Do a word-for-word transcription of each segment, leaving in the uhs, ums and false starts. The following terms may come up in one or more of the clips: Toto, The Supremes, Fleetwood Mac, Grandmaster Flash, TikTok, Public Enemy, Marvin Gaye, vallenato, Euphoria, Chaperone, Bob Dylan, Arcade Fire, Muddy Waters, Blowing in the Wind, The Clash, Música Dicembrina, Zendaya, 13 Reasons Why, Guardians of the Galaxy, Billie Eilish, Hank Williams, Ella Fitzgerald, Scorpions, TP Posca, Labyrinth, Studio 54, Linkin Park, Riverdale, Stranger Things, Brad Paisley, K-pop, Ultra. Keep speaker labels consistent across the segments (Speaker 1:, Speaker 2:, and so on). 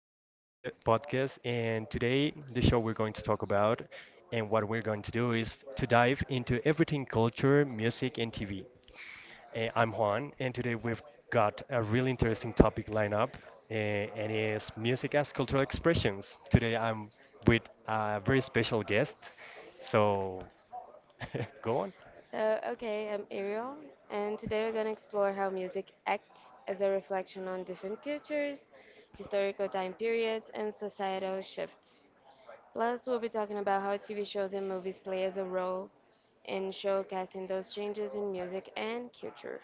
Speaker 1: T P Posca- Podcast. And today, the show we're going to talk about and what we're going to do is to dive into everything culture, music, and T V. Uh, I'm Juan, and today we've got a really interesting topic lineup, uh, and it's music as cultural expressions. Today, I'm with a very special guest, so go on.
Speaker 2: So, okay, I'm Ariel, and today we're going to explore how music acts as a reflection on different cultures, historical time periods, and societal shifts. Plus, we'll be talking about how T V shows and movies play as a role in showcasing those changes in music and culture.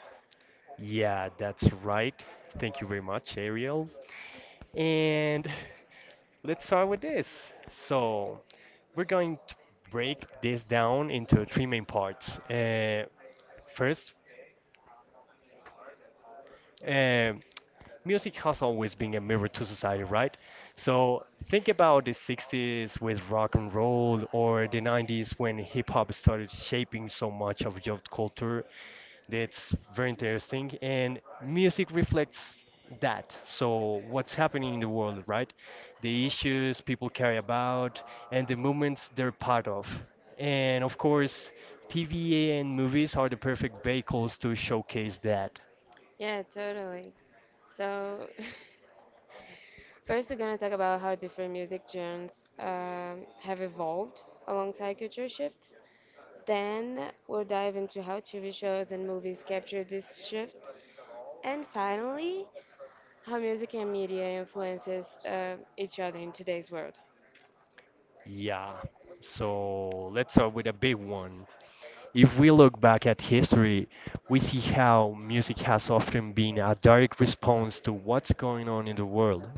Speaker 1: Yeah, that's right. Thank you very much, Ariel. And let's start with this. So, we're going to break this down into three main parts. Uh, first, uh, music has always been a mirror to society, right? So, think about the sixties with rock and roll or the nineties when hip hop started shaping so much of youth culture. That's very interesting. And music reflects that. So, what's happening in the world, right? The issues people care about and the movements they're part of. And of course, T V and movies are the perfect vehicles to showcase that.
Speaker 2: Yeah, totally. So, first, we're going to talk about how different music genres um, have evolved alongside culture shifts. Then we'll dive into how T V shows and movies capture these shifts. And finally, how music and media influences uh, each other in today's world.
Speaker 1: Yeah. So, let's start with a big one. If we look back at history, we see how music has often been a direct response to what's going on in the world.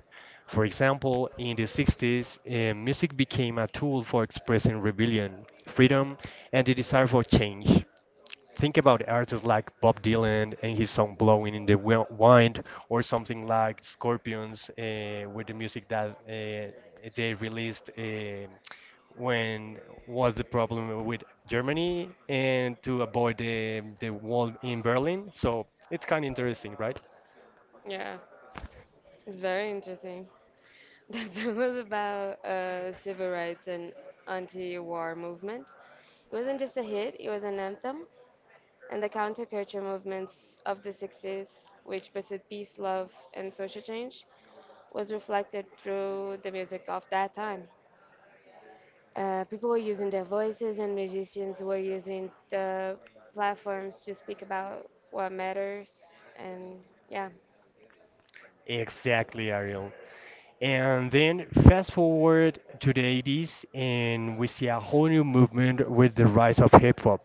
Speaker 1: For example, in the sixties, uh, music became a tool for expressing rebellion, freedom, and the desire for change. Think about artists like Bob Dylan and his song "Blowing in the Wi- Wind," or something like Scorpions uh, with the music that uh, they released uh, when was the problem with Germany and to avoid the the wall in Berlin. So it's kind of interesting, right?
Speaker 2: Yeah, it's very interesting. That song was about uh, civil rights and anti-war movement. It wasn't just a hit, it was an anthem. And the counterculture movements of the sixties, which pursued peace, love, and social change, was reflected through the music of that time. Uh, people were using their voices, and musicians were using the platforms to speak about what matters. And yeah.
Speaker 1: Exactly, Ariel. And then fast forward to the eighties, and we see a whole new movement with the rise of hip hop.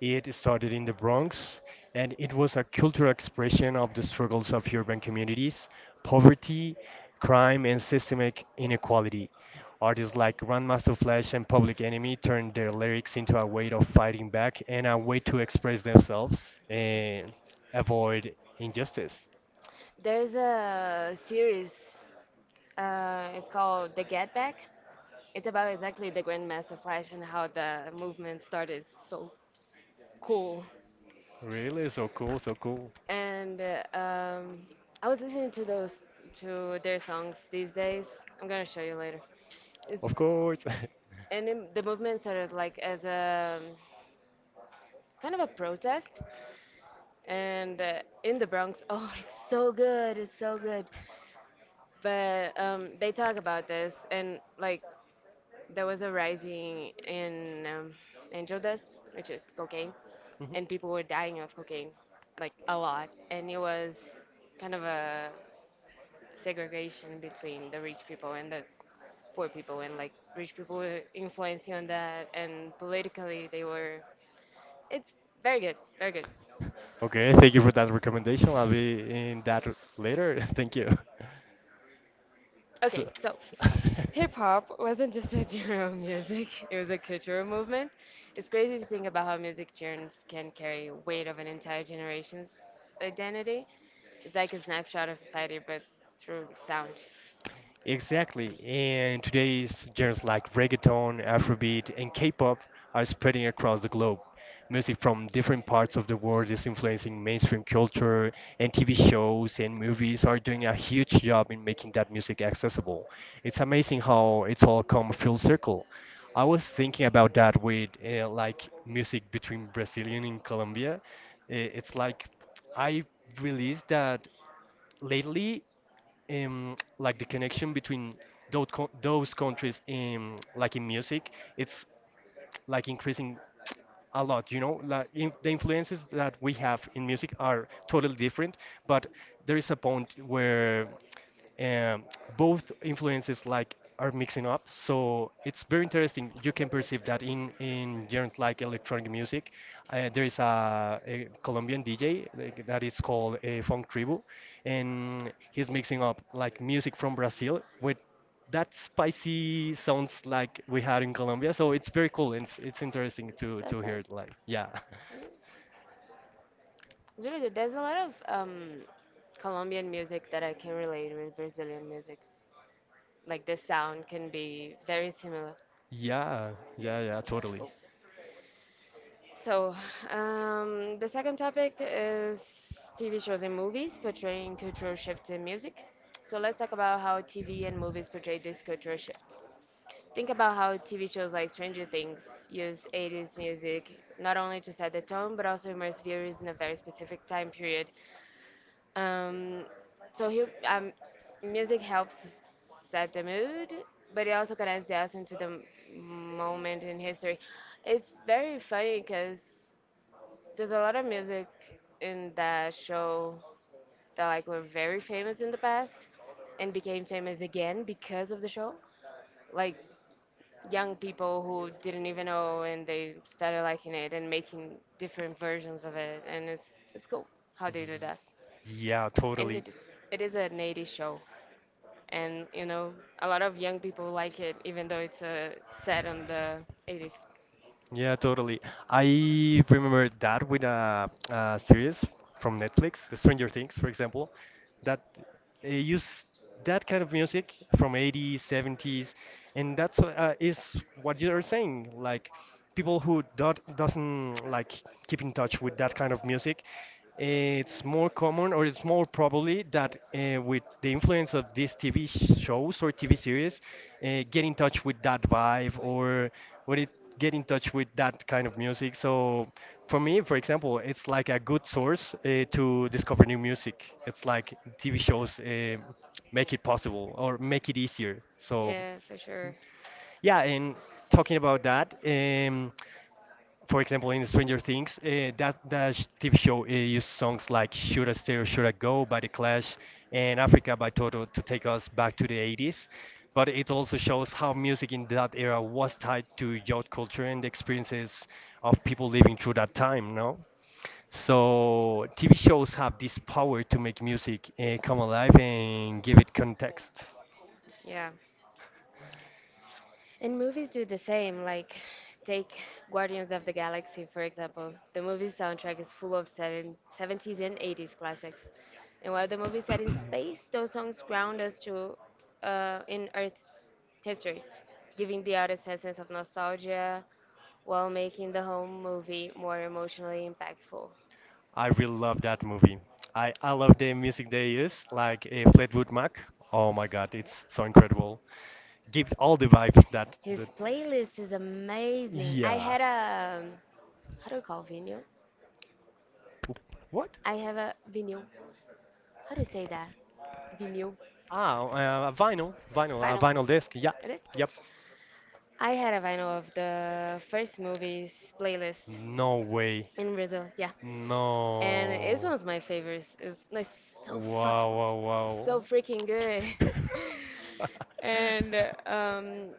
Speaker 1: It started in the Bronx, and it was a cultural expression of the struggles of urban communities, poverty, crime, and systemic inequality. Artists like Grandmaster Flash and Public Enemy turned their lyrics into a way of fighting back and a way to express themselves and avoid injustice.
Speaker 2: There's a series, uh, it's called The Get Back. It's about exactly the Grandmaster Flash and how the movement started. So cool.
Speaker 1: Really? So cool, so cool.
Speaker 2: And uh, um, I was listening to those to their songs these days. I'm gonna show you later. It's,
Speaker 1: Of course.
Speaker 2: and it, the movement started like as a um, kind of a protest and uh, in the Bronx. Oh, it's so good, it's so good. But um, they talk about this, and like there was a rising in um, angel dust, which is cocaine,
Speaker 1: Mhm.
Speaker 2: and people were dying of cocaine, like a lot, and it was kind of a segregation between the rich people and the poor people, and like rich people were influencing on that, and politically they were. It's very good, very good.
Speaker 1: Okay, thank you for that recommendation. I'll be in that r- later. Thank you.
Speaker 2: Okay,
Speaker 1: So,
Speaker 2: so
Speaker 1: so-
Speaker 2: hip hop wasn't just a genre of music, it was a cultural movement. It's crazy to think about how music genres can carry weight of an entire generation's identity. It's like a snapshot of society, but through sound.
Speaker 1: Exactly. And today's genres like reggaeton, Afrobeat, and K-pop are spreading across the globe. Music from different parts of the world is influencing mainstream culture, and T V shows and movies are doing a huge job in making that music accessible. It's amazing how it's all come full circle. I was thinking about that with uh, like music between Brazilian and Colombia. Uh, It's like I realized that lately, um, like the connection between those co- those countries in like in music, it's like increasing a lot, you know, like in, the influences that we have in music are totally different, but there is a point where, um, both influences like are mixing up, so it's very interesting. You can perceive that in in genres like electronic music. Uh, there is a, a colombian dj, like, that is called a funk tribu, and he's mixing up like music from brazil with that spicy sounds like we had in Colombia, so it's very cool. It's it's interesting to
Speaker 2: That's
Speaker 1: to hear
Speaker 2: nice.
Speaker 1: it, like, yeah,
Speaker 2: It's really good. There's a lot of um, Colombian music that I can relate with Brazilian music. Like the sound can be very similar.
Speaker 1: yeah, yeah, yeah,
Speaker 2: It's
Speaker 1: totally.
Speaker 2: cool. So, um, the second topic is T V shows and movies portraying cultural shifts in music. So, let's talk about how T V and movies portray these cultural shifts. Think about how T V shows like Stranger Things use eighties music not only to set the tone but also immerse viewers in a very specific time period. Um, so, he, um, music helps set the mood, but it also connects the audience to the m- moment in history. It's very funny because there's a lot of music in that show that like were very famous in the past and became famous again because of the show. Like young people who didn't even know and they started liking it and making different versions of it and it's it's cool how they do that.
Speaker 1: Y- Yeah,
Speaker 2: And
Speaker 1: totally.
Speaker 2: it it is an eighties show and you know a lot of young people like it even though it's uh, set on the eighties.
Speaker 1: Yeah, totally. I remember that with a, a series from Netflix, Stranger Things, for example, that uh, use that kind of music from eighties, seventies, and that's wh- uh, is what you're saying. Like people who don't doesn't like keep in touch with that kind of music, it's more common or it's more probably that, uh, with the influence of these T V shows or T V series, uh, get in touch with that vibe or what it get in touch with that kind of music. So for me, for example, it's like a good source uh, to discover new music. It's like T V shows uh, make it possible or make it easier. So
Speaker 2: Yeah, for sure.
Speaker 1: yeah, and talking about that, um, for example, in Stranger Things, uh, that that sh- T V show uh, used songs like "Should I Stay or Should I Go" by The Clash and "Africa" by Toto to take us back to the eighties. But it also shows how music in that era was tied to youth culture and the experiences of people living through that time. No, so T V shows have this power to make music uh, come alive and give it context.
Speaker 2: Yeah. And movies do the same. Like, take Guardians of the Galaxy, for example. The movie's soundtrack is full of seven- seventies and eighties classics. And while the movie set in space, those songs ground us to uh, in Earth's history, giving the audience a sense of nostalgia while making the whole movie more emotionally impactful.
Speaker 1: I really love that movie. I, I love the music they use, like a Fleetwood Mac. Oh my god, it's so incredible. Give all the vibe that
Speaker 2: His
Speaker 1: the
Speaker 2: playlist is amazing. I
Speaker 1: yeah.
Speaker 2: had a, um, how do you call vinyl?
Speaker 1: Oop, what?
Speaker 2: I have a vinyl. How do you say that? Vinyl.
Speaker 1: Ah, uh, vinyl, vinyl, uh,
Speaker 2: Vinyl.
Speaker 1: vinyl disc. Yeah,
Speaker 2: It is.
Speaker 1: yep.
Speaker 2: I had a vinyl of the first movies playlist
Speaker 1: No way.
Speaker 2: in Brazil. Yeah, and it's
Speaker 1: No.
Speaker 2: one of my favorites. It's like so fucking,
Speaker 1: Wow,
Speaker 2: So
Speaker 1: wow,
Speaker 2: freaking good.
Speaker 1: wow.
Speaker 2: And uh, um,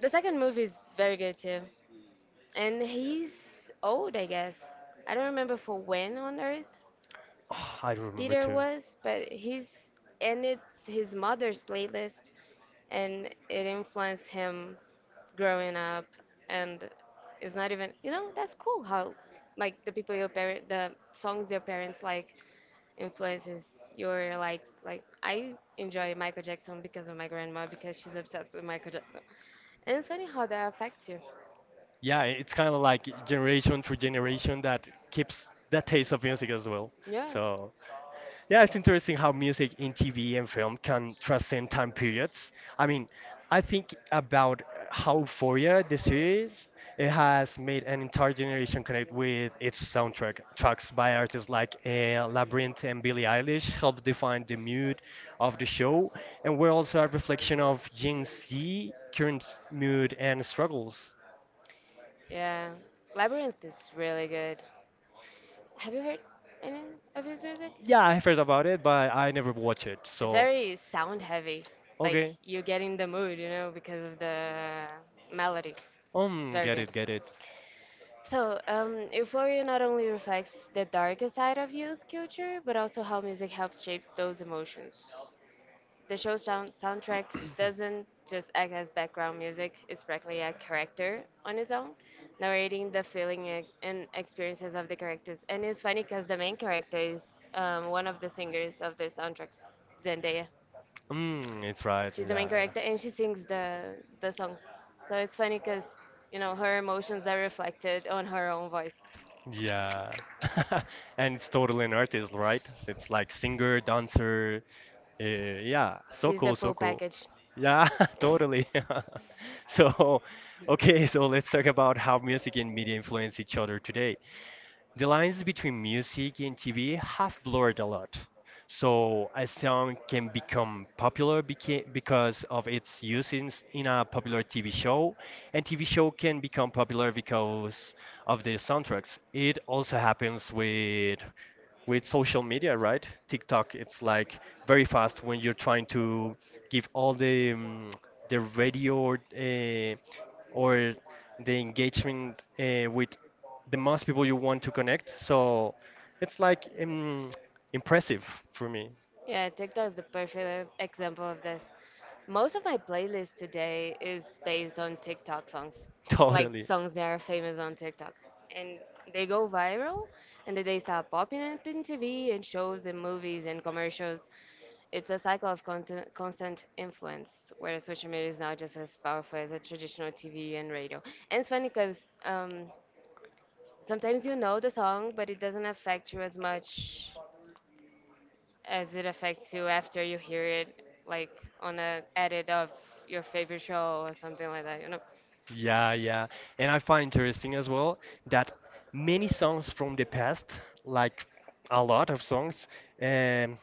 Speaker 2: the second movie is very good too. And he's old, I guess. I don't remember for when on Earth,
Speaker 1: Ah, I remember
Speaker 2: Peter
Speaker 1: too.
Speaker 2: was, but he's and it's his mother's playlist, and it influenced him growing up, and it's not even you know that's cool how like the people your parent the songs your parents like influences your likes. Like I enjoy Michael Jackson because of my grandma because she's obsessed with Michael Jackson, and it's funny how that affects you.
Speaker 1: Yeah, it's kind of like generation through generation that keeps that taste of music as well.
Speaker 2: Yeah,
Speaker 1: So, yeah, it's interesting how music in T V and film can transcend time periods. I mean, I think about how Euphoria, the series, it has made an entire generation connect with its soundtrack. Tracks by artists like uh, Labyrinth and Billie Eilish helped define the mood of the show and were also a reflection of Gen Z current mood and struggles.
Speaker 2: yeah. Labyrinth is really good. Have you heard any of his music?
Speaker 1: Yeah, I heard about it, but I never watch it.
Speaker 2: It's
Speaker 1: So,
Speaker 2: very sound heavy. Like
Speaker 1: okay.
Speaker 2: you get in the mood, you know, because of the melody. It's
Speaker 1: Um,
Speaker 2: very
Speaker 1: get
Speaker 2: good.
Speaker 1: it, get it.
Speaker 2: So, um, Euphoria not only reflects the darker side of youth culture, but also how music helps shape those emotions. The show's sound- soundtrack doesn't just act as background music, it's practically a character on its own, narrating the feeling e- and experiences of the characters. And it's funny because the main character is um, one of the singers of the soundtracks, Zendaya.
Speaker 1: Mm, it's right.
Speaker 2: She's the main
Speaker 1: Yeah,
Speaker 2: character, and she sings the the songs. So it's funny because you know her emotions are reflected on her own voice.
Speaker 1: yeah. Yeah. And it's totally an artist, right? It's like singer, dancer. Uh, yeah, so
Speaker 2: She's the
Speaker 1: cool, so
Speaker 2: full
Speaker 1: cool.
Speaker 2: package.
Speaker 1: Yeah, totally. So, okay, so let's talk about how music and media influence each other today. The lines between music and T V have blurred a lot. So a song can become popular beca- because of its use in, s- in a popular T V show, and T V show can become popular because of the soundtracks. It also happens with with social media, right? TikTok, it's like very fast when you're trying to give all the, um, the radio or uh, or the engagement uh, with the most people you want to connect. So it's like, um, impressive for me,
Speaker 2: Yeah, TikTok is the perfect example of this. Most of my playlist today is based on TikTok songs, like
Speaker 1: totally.
Speaker 2: songs that are famous on TikTok. And they go viral, and then they start popping up in T V and shows and movies and commercials. It's a cycle of constant, constant influence, where social media is now just as powerful as a traditional T V and radio. And it's funny because um, sometimes you know the song, but it doesn't affect you as much as it affects you after you hear it, like on a edit of your favorite show or something like that, you know?
Speaker 1: Yeah, yeah. And I find interesting as well that many songs from the past, like a lot of songs, um,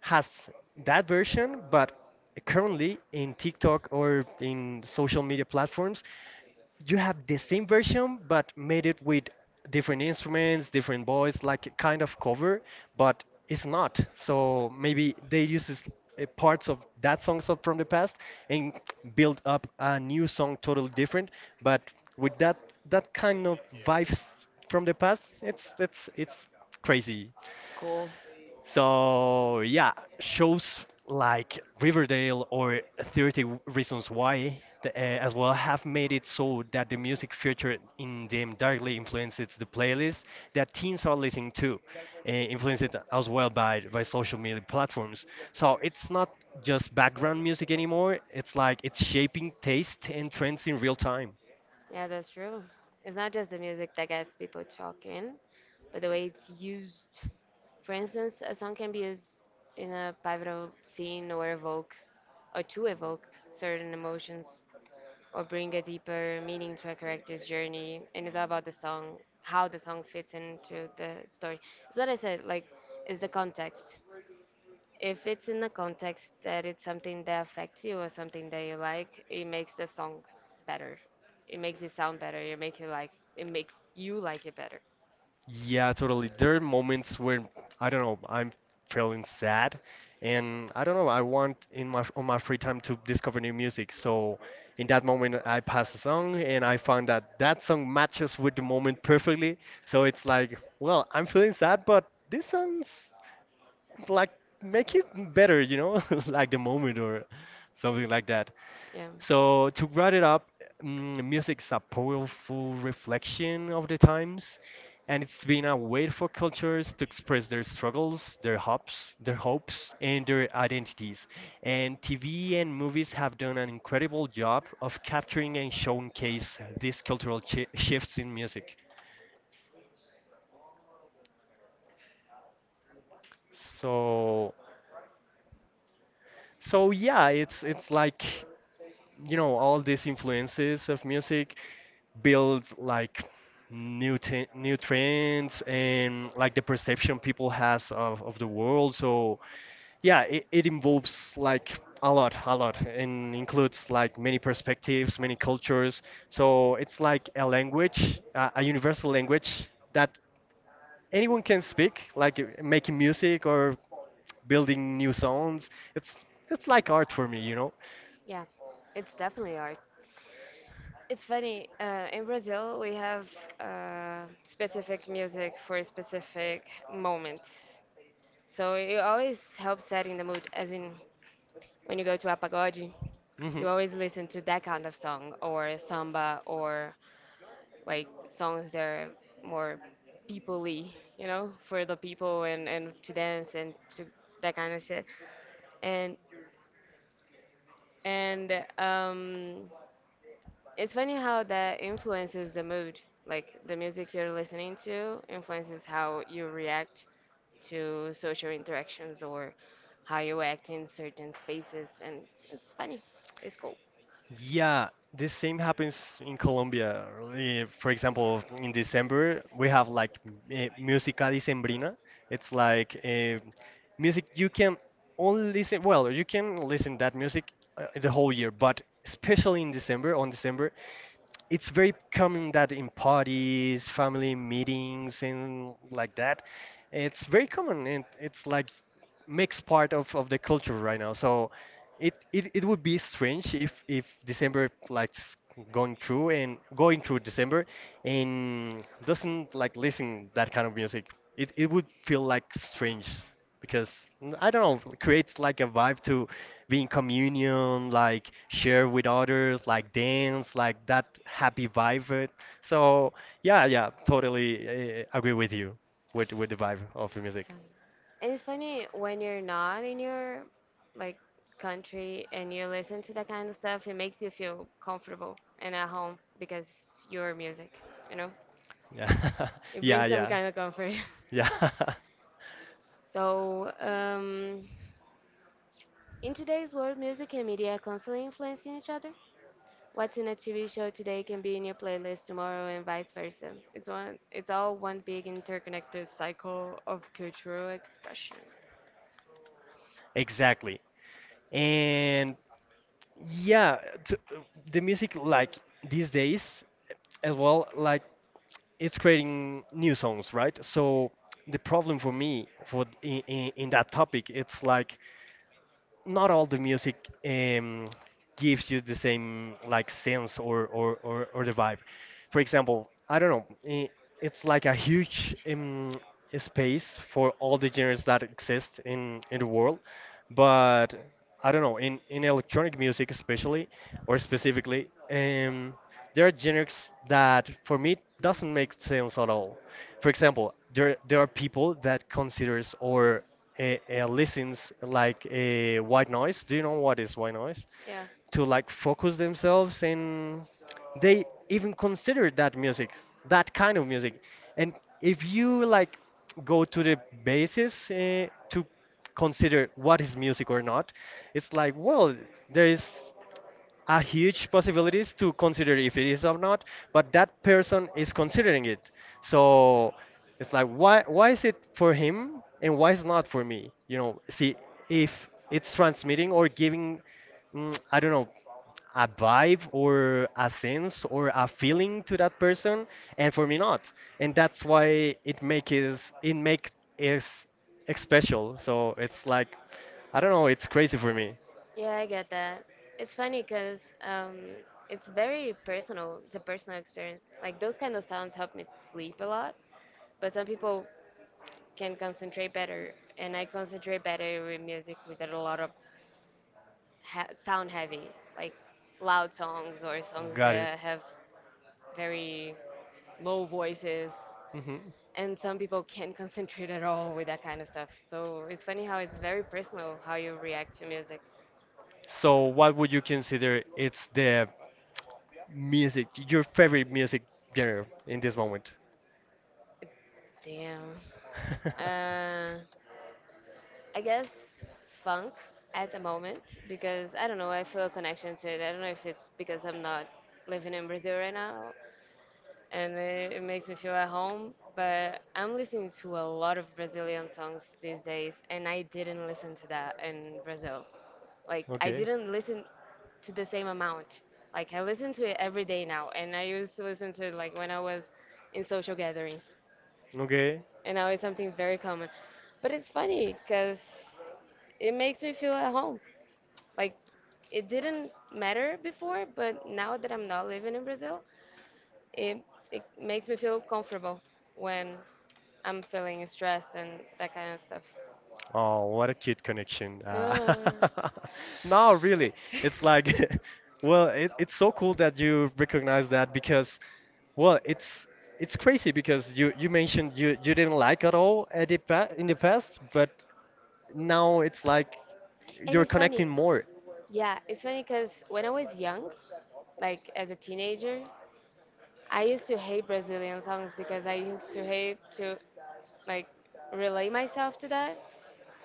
Speaker 1: has that version, but currently in TikTok or in social media platforms, you have the same version but made it with different instruments, different voice, like a kind of cover, but it's not. So maybe they uses uh, parts of that song so- from the past and build up a new song totally different, but with that, that kind of vibes from the past. It's it's it's crazy.
Speaker 2: It's cool.
Speaker 1: So yeah, shows like Riverdale or thirty reasons why the, uh, as well have made it so that the music featured in them directly influences the playlist that teens are listening to, uh, influenced as well by by social media platforms. So it's not just background music anymore. It's like it's shaping taste and trends in real time.
Speaker 2: Yeah, that's true. It's not just the music that gets people talking, but the way it's used. For instance, a song can be used in a pivotal scene or evoke, or to evoke certain emotions or bring a deeper meaning to a character's journey. And it's all about the song, how the song fits into the story. It's what I said, like, it's the context. If it's in the context that it's something that affects you or something that you like, it makes the song better. It makes it sound better. It make you like it makes you like it better.
Speaker 1: Yeah, totally. There are moments where I don't know, I'm feeling sad, and I don't know, I want in my on my free time to discover new music. So in that moment, I pass a song, and I find that that song matches with the moment perfectly. So it's like, well, I'm feeling sad, but this song's like make it better, you know, like the moment or something like that.
Speaker 2: Yeah.
Speaker 1: So to wrap it up, mm, music is a powerful reflection of the times, and it's been a way for cultures to express their struggles, their hopes, their hopes, and their identities. And T V and movies have done an incredible job of capturing and showcase these cultural chi shifts in music. So, so yeah, it's it's like, you know, all these influences of music build like new t new trends and like the perception people has of, of the world. So yeah, it, it involves like a lot, a lot, and includes like many perspectives, many cultures. So it's like a language, uh, a universal language that anyone can speak, like uh, making music or building new songs. It's it's like art for me, you know.
Speaker 2: Yeah, it's definitely art. It's funny, uh, in Brazil, we have uh, specific music for specific moments. So it always helps setting the mood, as in when you go to a pagode, you
Speaker 1: Mhm.
Speaker 2: always listen to that kind of song, or samba, or like songs that are more peoply, you know, for the people and and to dance and to that kind of shit. And and um, it's funny how that influences the mood. Like the music you're listening to influences how you react to social interactions or how you act in certain spaces, and it's funny. It's cool.
Speaker 1: Yeah, this same happens in Colombia. Eh, for example, in December, we have like uh, Música Dicembrina. It's like uh, music you can only listen, well, you can listen that music uh, the whole year, but especially in December, on December, it's very common that in parties, family meetings, and like that, it's very common and it's like makes part of, of the culture right now. So it, it, it would be strange if, if December like s- going through and going through December and doesn't like listen that kind of music. It, it would feel like strange because mm, I don't know, creates like a vibe to be in communion, like share with others, like dance, like that happy vibe. it- So yeah, yeah, totally uh, agree with you with with the vibe of the music.
Speaker 2: Um, and it's funny when you're not in your like country and you listen to that kind of stuff, it makes you feel comfortable and at home because it's your music, you know?
Speaker 1: Yeah,
Speaker 2: It
Speaker 1: yeah,
Speaker 2: brings some
Speaker 1: yeah,
Speaker 2: kind of comfort.
Speaker 1: yeah,
Speaker 2: So, um, in today's world, music and media are constantly influencing each other. What's in a T V show today can be in your playlist tomorrow, and vice versa. It's one, it's all one big interconnected cycle of cultural expression.
Speaker 1: exactly. And yeah, t the music like these days as well, like it's creating new songs, right? So the problem for me for in, in, in that topic, it's like not all the music um, gives you the same like sense or, or, or, or the vibe. For example, I don't know, i- it's like a huge um, space for all the genres that exist in, in the world, but I don't know, in, in electronic music especially, or specifically, um, there are genres that for me doesn't make sense at all. For example, there there are people that considers or uh, uh, listens like uh, white noise. Do you know what is white noise?
Speaker 2: Yeah.
Speaker 1: To like focus themselves and they even consider that music, that kind of music, and if you like go to the basis uh, to consider what is music or not, it's like, well, there is a huge possibilities to consider if it is or not, but that person is considering it. So it's like, why why is it for him and why is not for me, you know? See if it's transmitting or giving, mm, I don't know, a vibe or a sense or a feeling to that person, and for me not. And that's why it make is it make is ex- special. So it's like, I don't know, it's crazy for me.
Speaker 2: Yeah, I get that. It's funny because um, it's very personal. It's a personal experience. Like those kind of sounds help me sleep a lot, but some people can concentrate better, and I concentrate better with music with a lot of ha sound heavy, like loud songs or songs
Speaker 1: Got it.
Speaker 2: that have very low voices.
Speaker 1: Hmm.
Speaker 2: And some people can't concentrate at all with that kind of stuff. So it's funny how it's very personal how you react to music.
Speaker 1: So what would you consider it's the music, your favorite music genre in this moment?
Speaker 2: Damn. Uh, I guess funk at the moment because I don't know, I feel a connection to it. I don't know if it's because I'm not living in Brazil right now and it, it makes me feel at home, but I'm listening to a lot of Brazilian songs these days and I didn't listen to that in Brazil. Like, I
Speaker 1: okay.
Speaker 2: didn't listen to the same amount. Like, I listen to it every day now and I used to listen to it like when I was in social gatherings
Speaker 1: Okay.
Speaker 2: and now it's something very common. But it's funny because it makes me feel at home. Like it didn't matter before, but now that I'm not living in Brazil, it it makes me feel comfortable when I'm feeling stress and that kind of stuff.
Speaker 1: Oh, what a cute connection. Uh,
Speaker 2: Uh,
Speaker 1: no, really. It's like, well, it, it's so cool that you recognize that, because, well, it's it's crazy because you you mentioned you you didn't like at all at the pa in the past, but now it's like
Speaker 2: and
Speaker 1: you're
Speaker 2: it's funny,
Speaker 1: connecting more.
Speaker 2: yeah, it's funny because when I was young, like as a teenager, I used to hate Brazilian songs because I used to hate to like relate myself to that.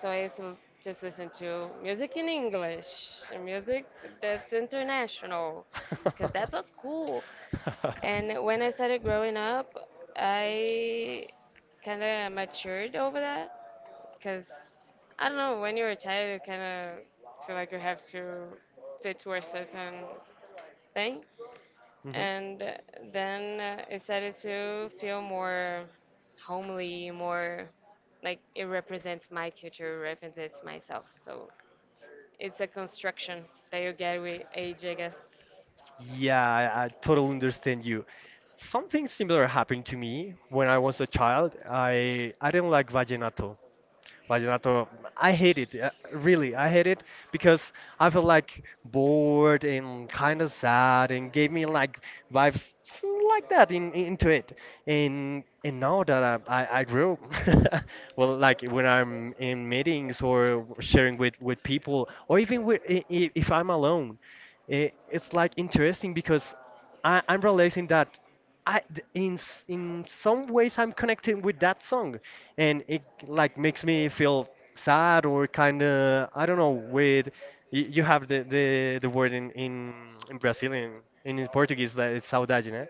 Speaker 2: So I used to just listen to music in English, and music that's international, because that was cool. And when I started growing up, I kind of matured over that, because I don't know, when you're a child, you kind of feel like you have to fit to a certain thing.
Speaker 1: Mhm.
Speaker 2: And then uh, it started to feel more homely, more like it represents my culture, represents myself. So it's a construction that you get with age, I guess.
Speaker 1: Yeah, I, I totally understand you. Something similar happened to me when I was a child. I I didn't like vallenato. Vallenato, I hate it. uh, Really, I hate it because I feel like bored and kind of sad and gave me like vibes s- like that in, in- into it. And and now that I, I, I grew, well, like when I'm in meetings or sharing with, with people or even with, i- i- if I'm alone, i- it's like interesting because, I, I'm realizing that I th- in s- in some ways I'm connecting with that song, and it like makes me feel sad or kind of, I don't know. With you, you have the, the, the word in in, in Brazilian and in Portuguese, that it's saudade, né?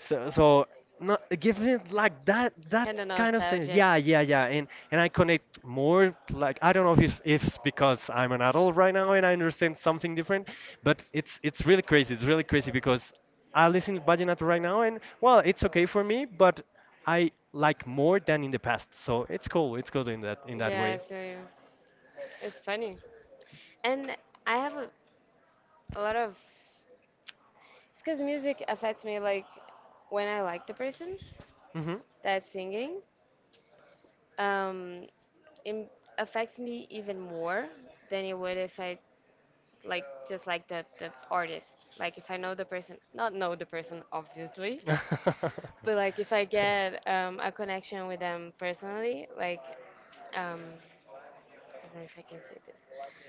Speaker 1: So, so not giving it like that that
Speaker 2: Kind of
Speaker 1: kind of sense.
Speaker 2: nostalgic.
Speaker 1: Yeah, yeah, yeah. And and I connect more, like I don't know if if it's because I'm an adult right now and I understand something different, but it's it's really crazy. It's really crazy because I listen to vallenato right now and, well, it's okay for me, but I like more than in the past. So it's cool. It's cool in that in that
Speaker 2: Yeah,
Speaker 1: way.
Speaker 2: I feel you. It's funny. And I have a, a lot of. It's because music affects me, like, when I like the person
Speaker 1: Hmm.
Speaker 2: that's singing. um, it affects me even more than it would if I like just like the the artist. Like if I know the person, not know the person obviously, but like if I get um, a connection with them personally, like um, I don't know if I can say this,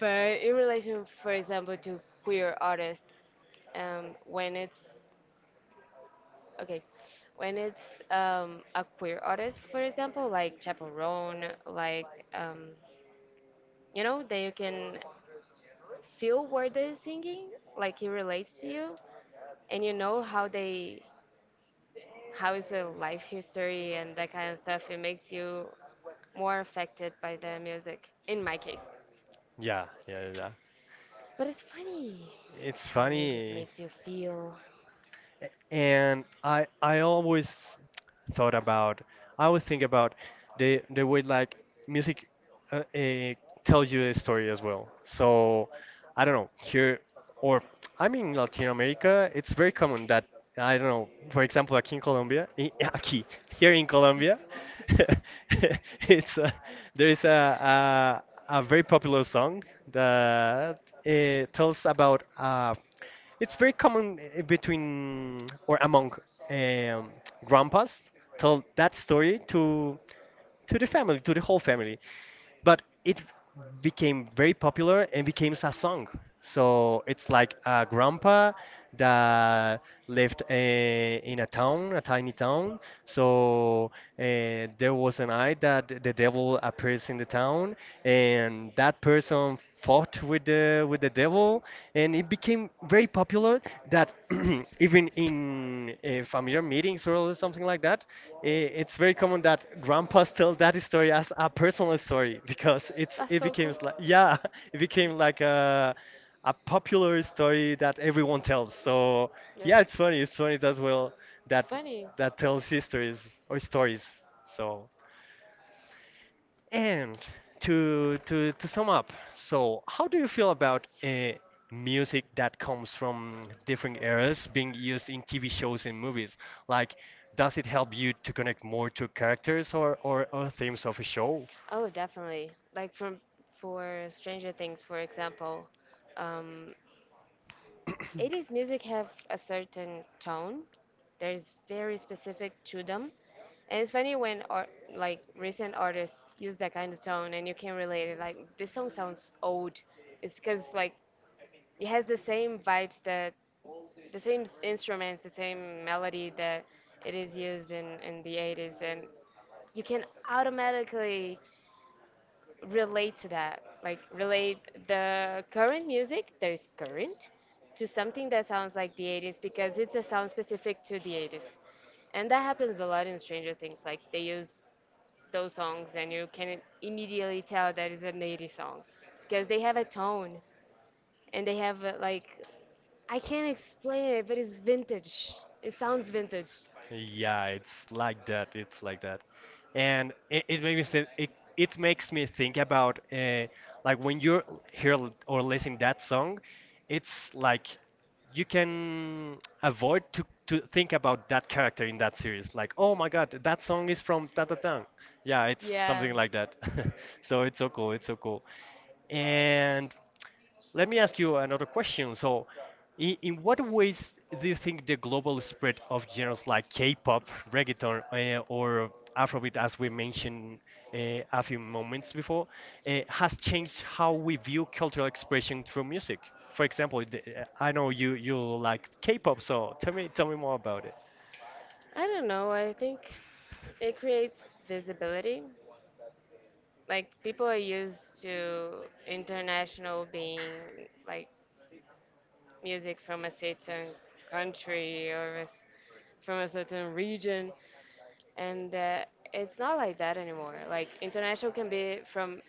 Speaker 2: but in relation, for example, to queer artists, um, when it's okay, when it's um, a queer artist, for example, like Chaperone, like um, you know that you can feel what they're singing, like it relates to you, and you know how they how is their life history and that kind of stuff. It makes you more affected by the music, in my case.
Speaker 1: Yeah, yeah, yeah.
Speaker 2: But it's funny
Speaker 1: It's
Speaker 2: how music
Speaker 1: funny,
Speaker 2: makes you feel.
Speaker 1: and I I always thought about, I always think about the the way like music uh, uh, tells you a story as well. So I don't know, here or I mean Latin America, it's very common that, I don't know. For example, aquí in Colombia, I- aquí here in Colombia, it's uh, there is a, a a very popular song that uh, tells about a, it's very common uh, between or among um, grandpas tell that story to to the family, to the whole family, but it became very popular and became a song. So it's like a grandpa that lived uh, in a town, a tiny town. So uh, there was a night that th- the devil appears in the town, and that person fought with the with the devil, and it became very popular. That even in uh, familiar meetings or something like that, i- it's very common that grandpas tell that story as a personal story because it's
Speaker 2: That's
Speaker 1: it
Speaker 2: so
Speaker 1: became
Speaker 2: cool.
Speaker 1: like, yeah, it became like a a popular story that everyone tells. So yeah, it's funny, it's funny as well that that tells histories or stories. So and to to to sum up, so how do you feel about uh, music that comes from different eras being used in T V shows and movies? Like, does it help you to connect more to characters or or, or themes of a show?
Speaker 2: Oh, definitely. Like from for Stranger Things, for example, um, eighties music have a certain tone. There's very specific to them, and it's funny when art, like recent artists use that kind of tone, and you can relate it. Like this song sounds old. It's because like it has the same vibes that the same s- instruments, the same melody that it is used in in the eighties, and you can automatically relate to that, like relate the current music that is current to something that sounds like the eighties, because it's a sound specific to the eighties. And that happens a lot in Stranger Things, like they use those songs and you can immediately tell that is an eighties song, because they have a tone and they have a, like I can't explain it, but it's vintage. It sounds vintage.
Speaker 1: Yeah, it's like that. It's like that, and it, it makes me say, it, it makes me think about uh, like when you hear l- or listen that song, it's like you can avoid to to think about that character in that series. Like, oh my God, that song is from ta ta tang. Yeah, it's
Speaker 2: Yeah.
Speaker 1: something like that. So it's so cool. It's so cool. And let me ask you another question. So, in, in what ways do you think the global spread of genres like K-pop, reggaeton, uh, or Afrobeat, as we mentioned uh, a few moments before, uh, has changed how we view cultural expression through music? For example, the, eh, I know you you like K-pop, so tell me tell me more about it.
Speaker 2: I don't know. I think it creates visibility. Like people are used to international being like music from a certain country or a s from a certain region, and uh, it's not like that anymore, like international can be from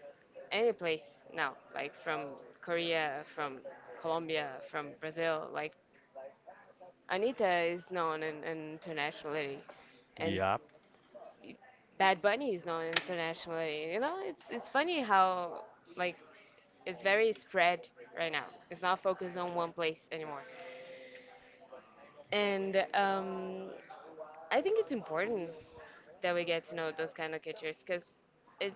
Speaker 2: any place now, like from Korea, from Colombia, from Brazil. Like Anita is known in, in internationally, and
Speaker 1: Yeah.
Speaker 2: Bad Bunny is known internationally. You know, it's it's funny how, like, it's very spread right now. It's not focused on one place anymore. And um, I think it's important that we get to know those kind of cultures, because it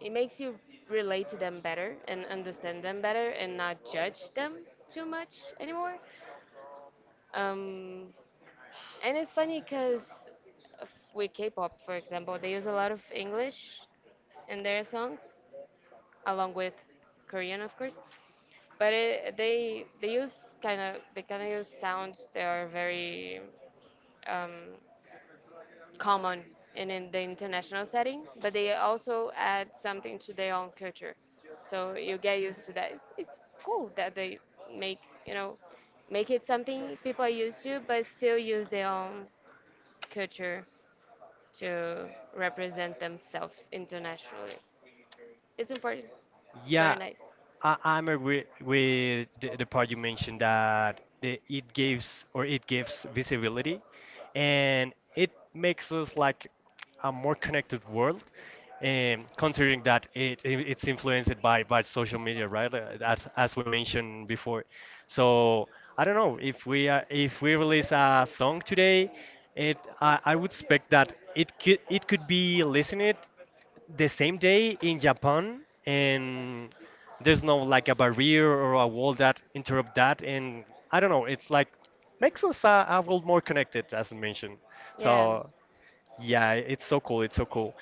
Speaker 2: it makes you relate to them better and understand them better and not judge them too much anymore. Um, and it's funny because with K-pop, for example, they use a lot of English in their songs, along with Korean, of course. But it, they they use kind of, they kind of use sounds that are very um, common in, in the international setting, but they also add something to their own culture. So you get used to that. It's cool that they make, you know, make it something people are used to, but still use their own culture to represent themselves internationally. It's important. It's
Speaker 1: Yeah,
Speaker 2: very nice.
Speaker 1: I, I'm agree with the, the part you mentioned that the, it gives or it gives visibility, and it makes us like a more connected world. Um, considering that it, it it's influenced by, by social media, right? Uh, As, as we mentioned before, so I don't know if we uh, if we release a song today, it I, I would expect that it could it could be listened the same day in Japan, and there's no like a barrier or a wall that interrupt that. And I don't know, it's like makes us a, a world more connected, as I mentioned.
Speaker 2: Yeah.
Speaker 1: So yeah, it's so cool. It's so cool.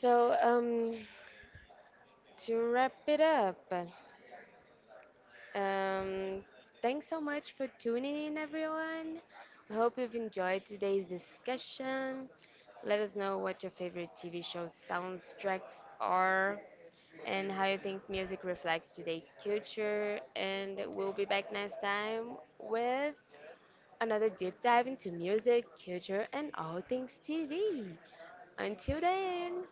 Speaker 2: So um, to wrap it up. Um, Thanks so much for tuning in, everyone. We hope you've enjoyed today's discussion. Let us know what your favorite T V shows soundtracks are and how you think music reflects today's culture. And we'll be back next time with another deep dive into music, culture, and all things T V. Until then.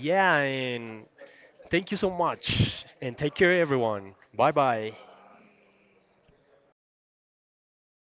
Speaker 1: Yeah, and thank you so much, and take care, everyone. Bye bye.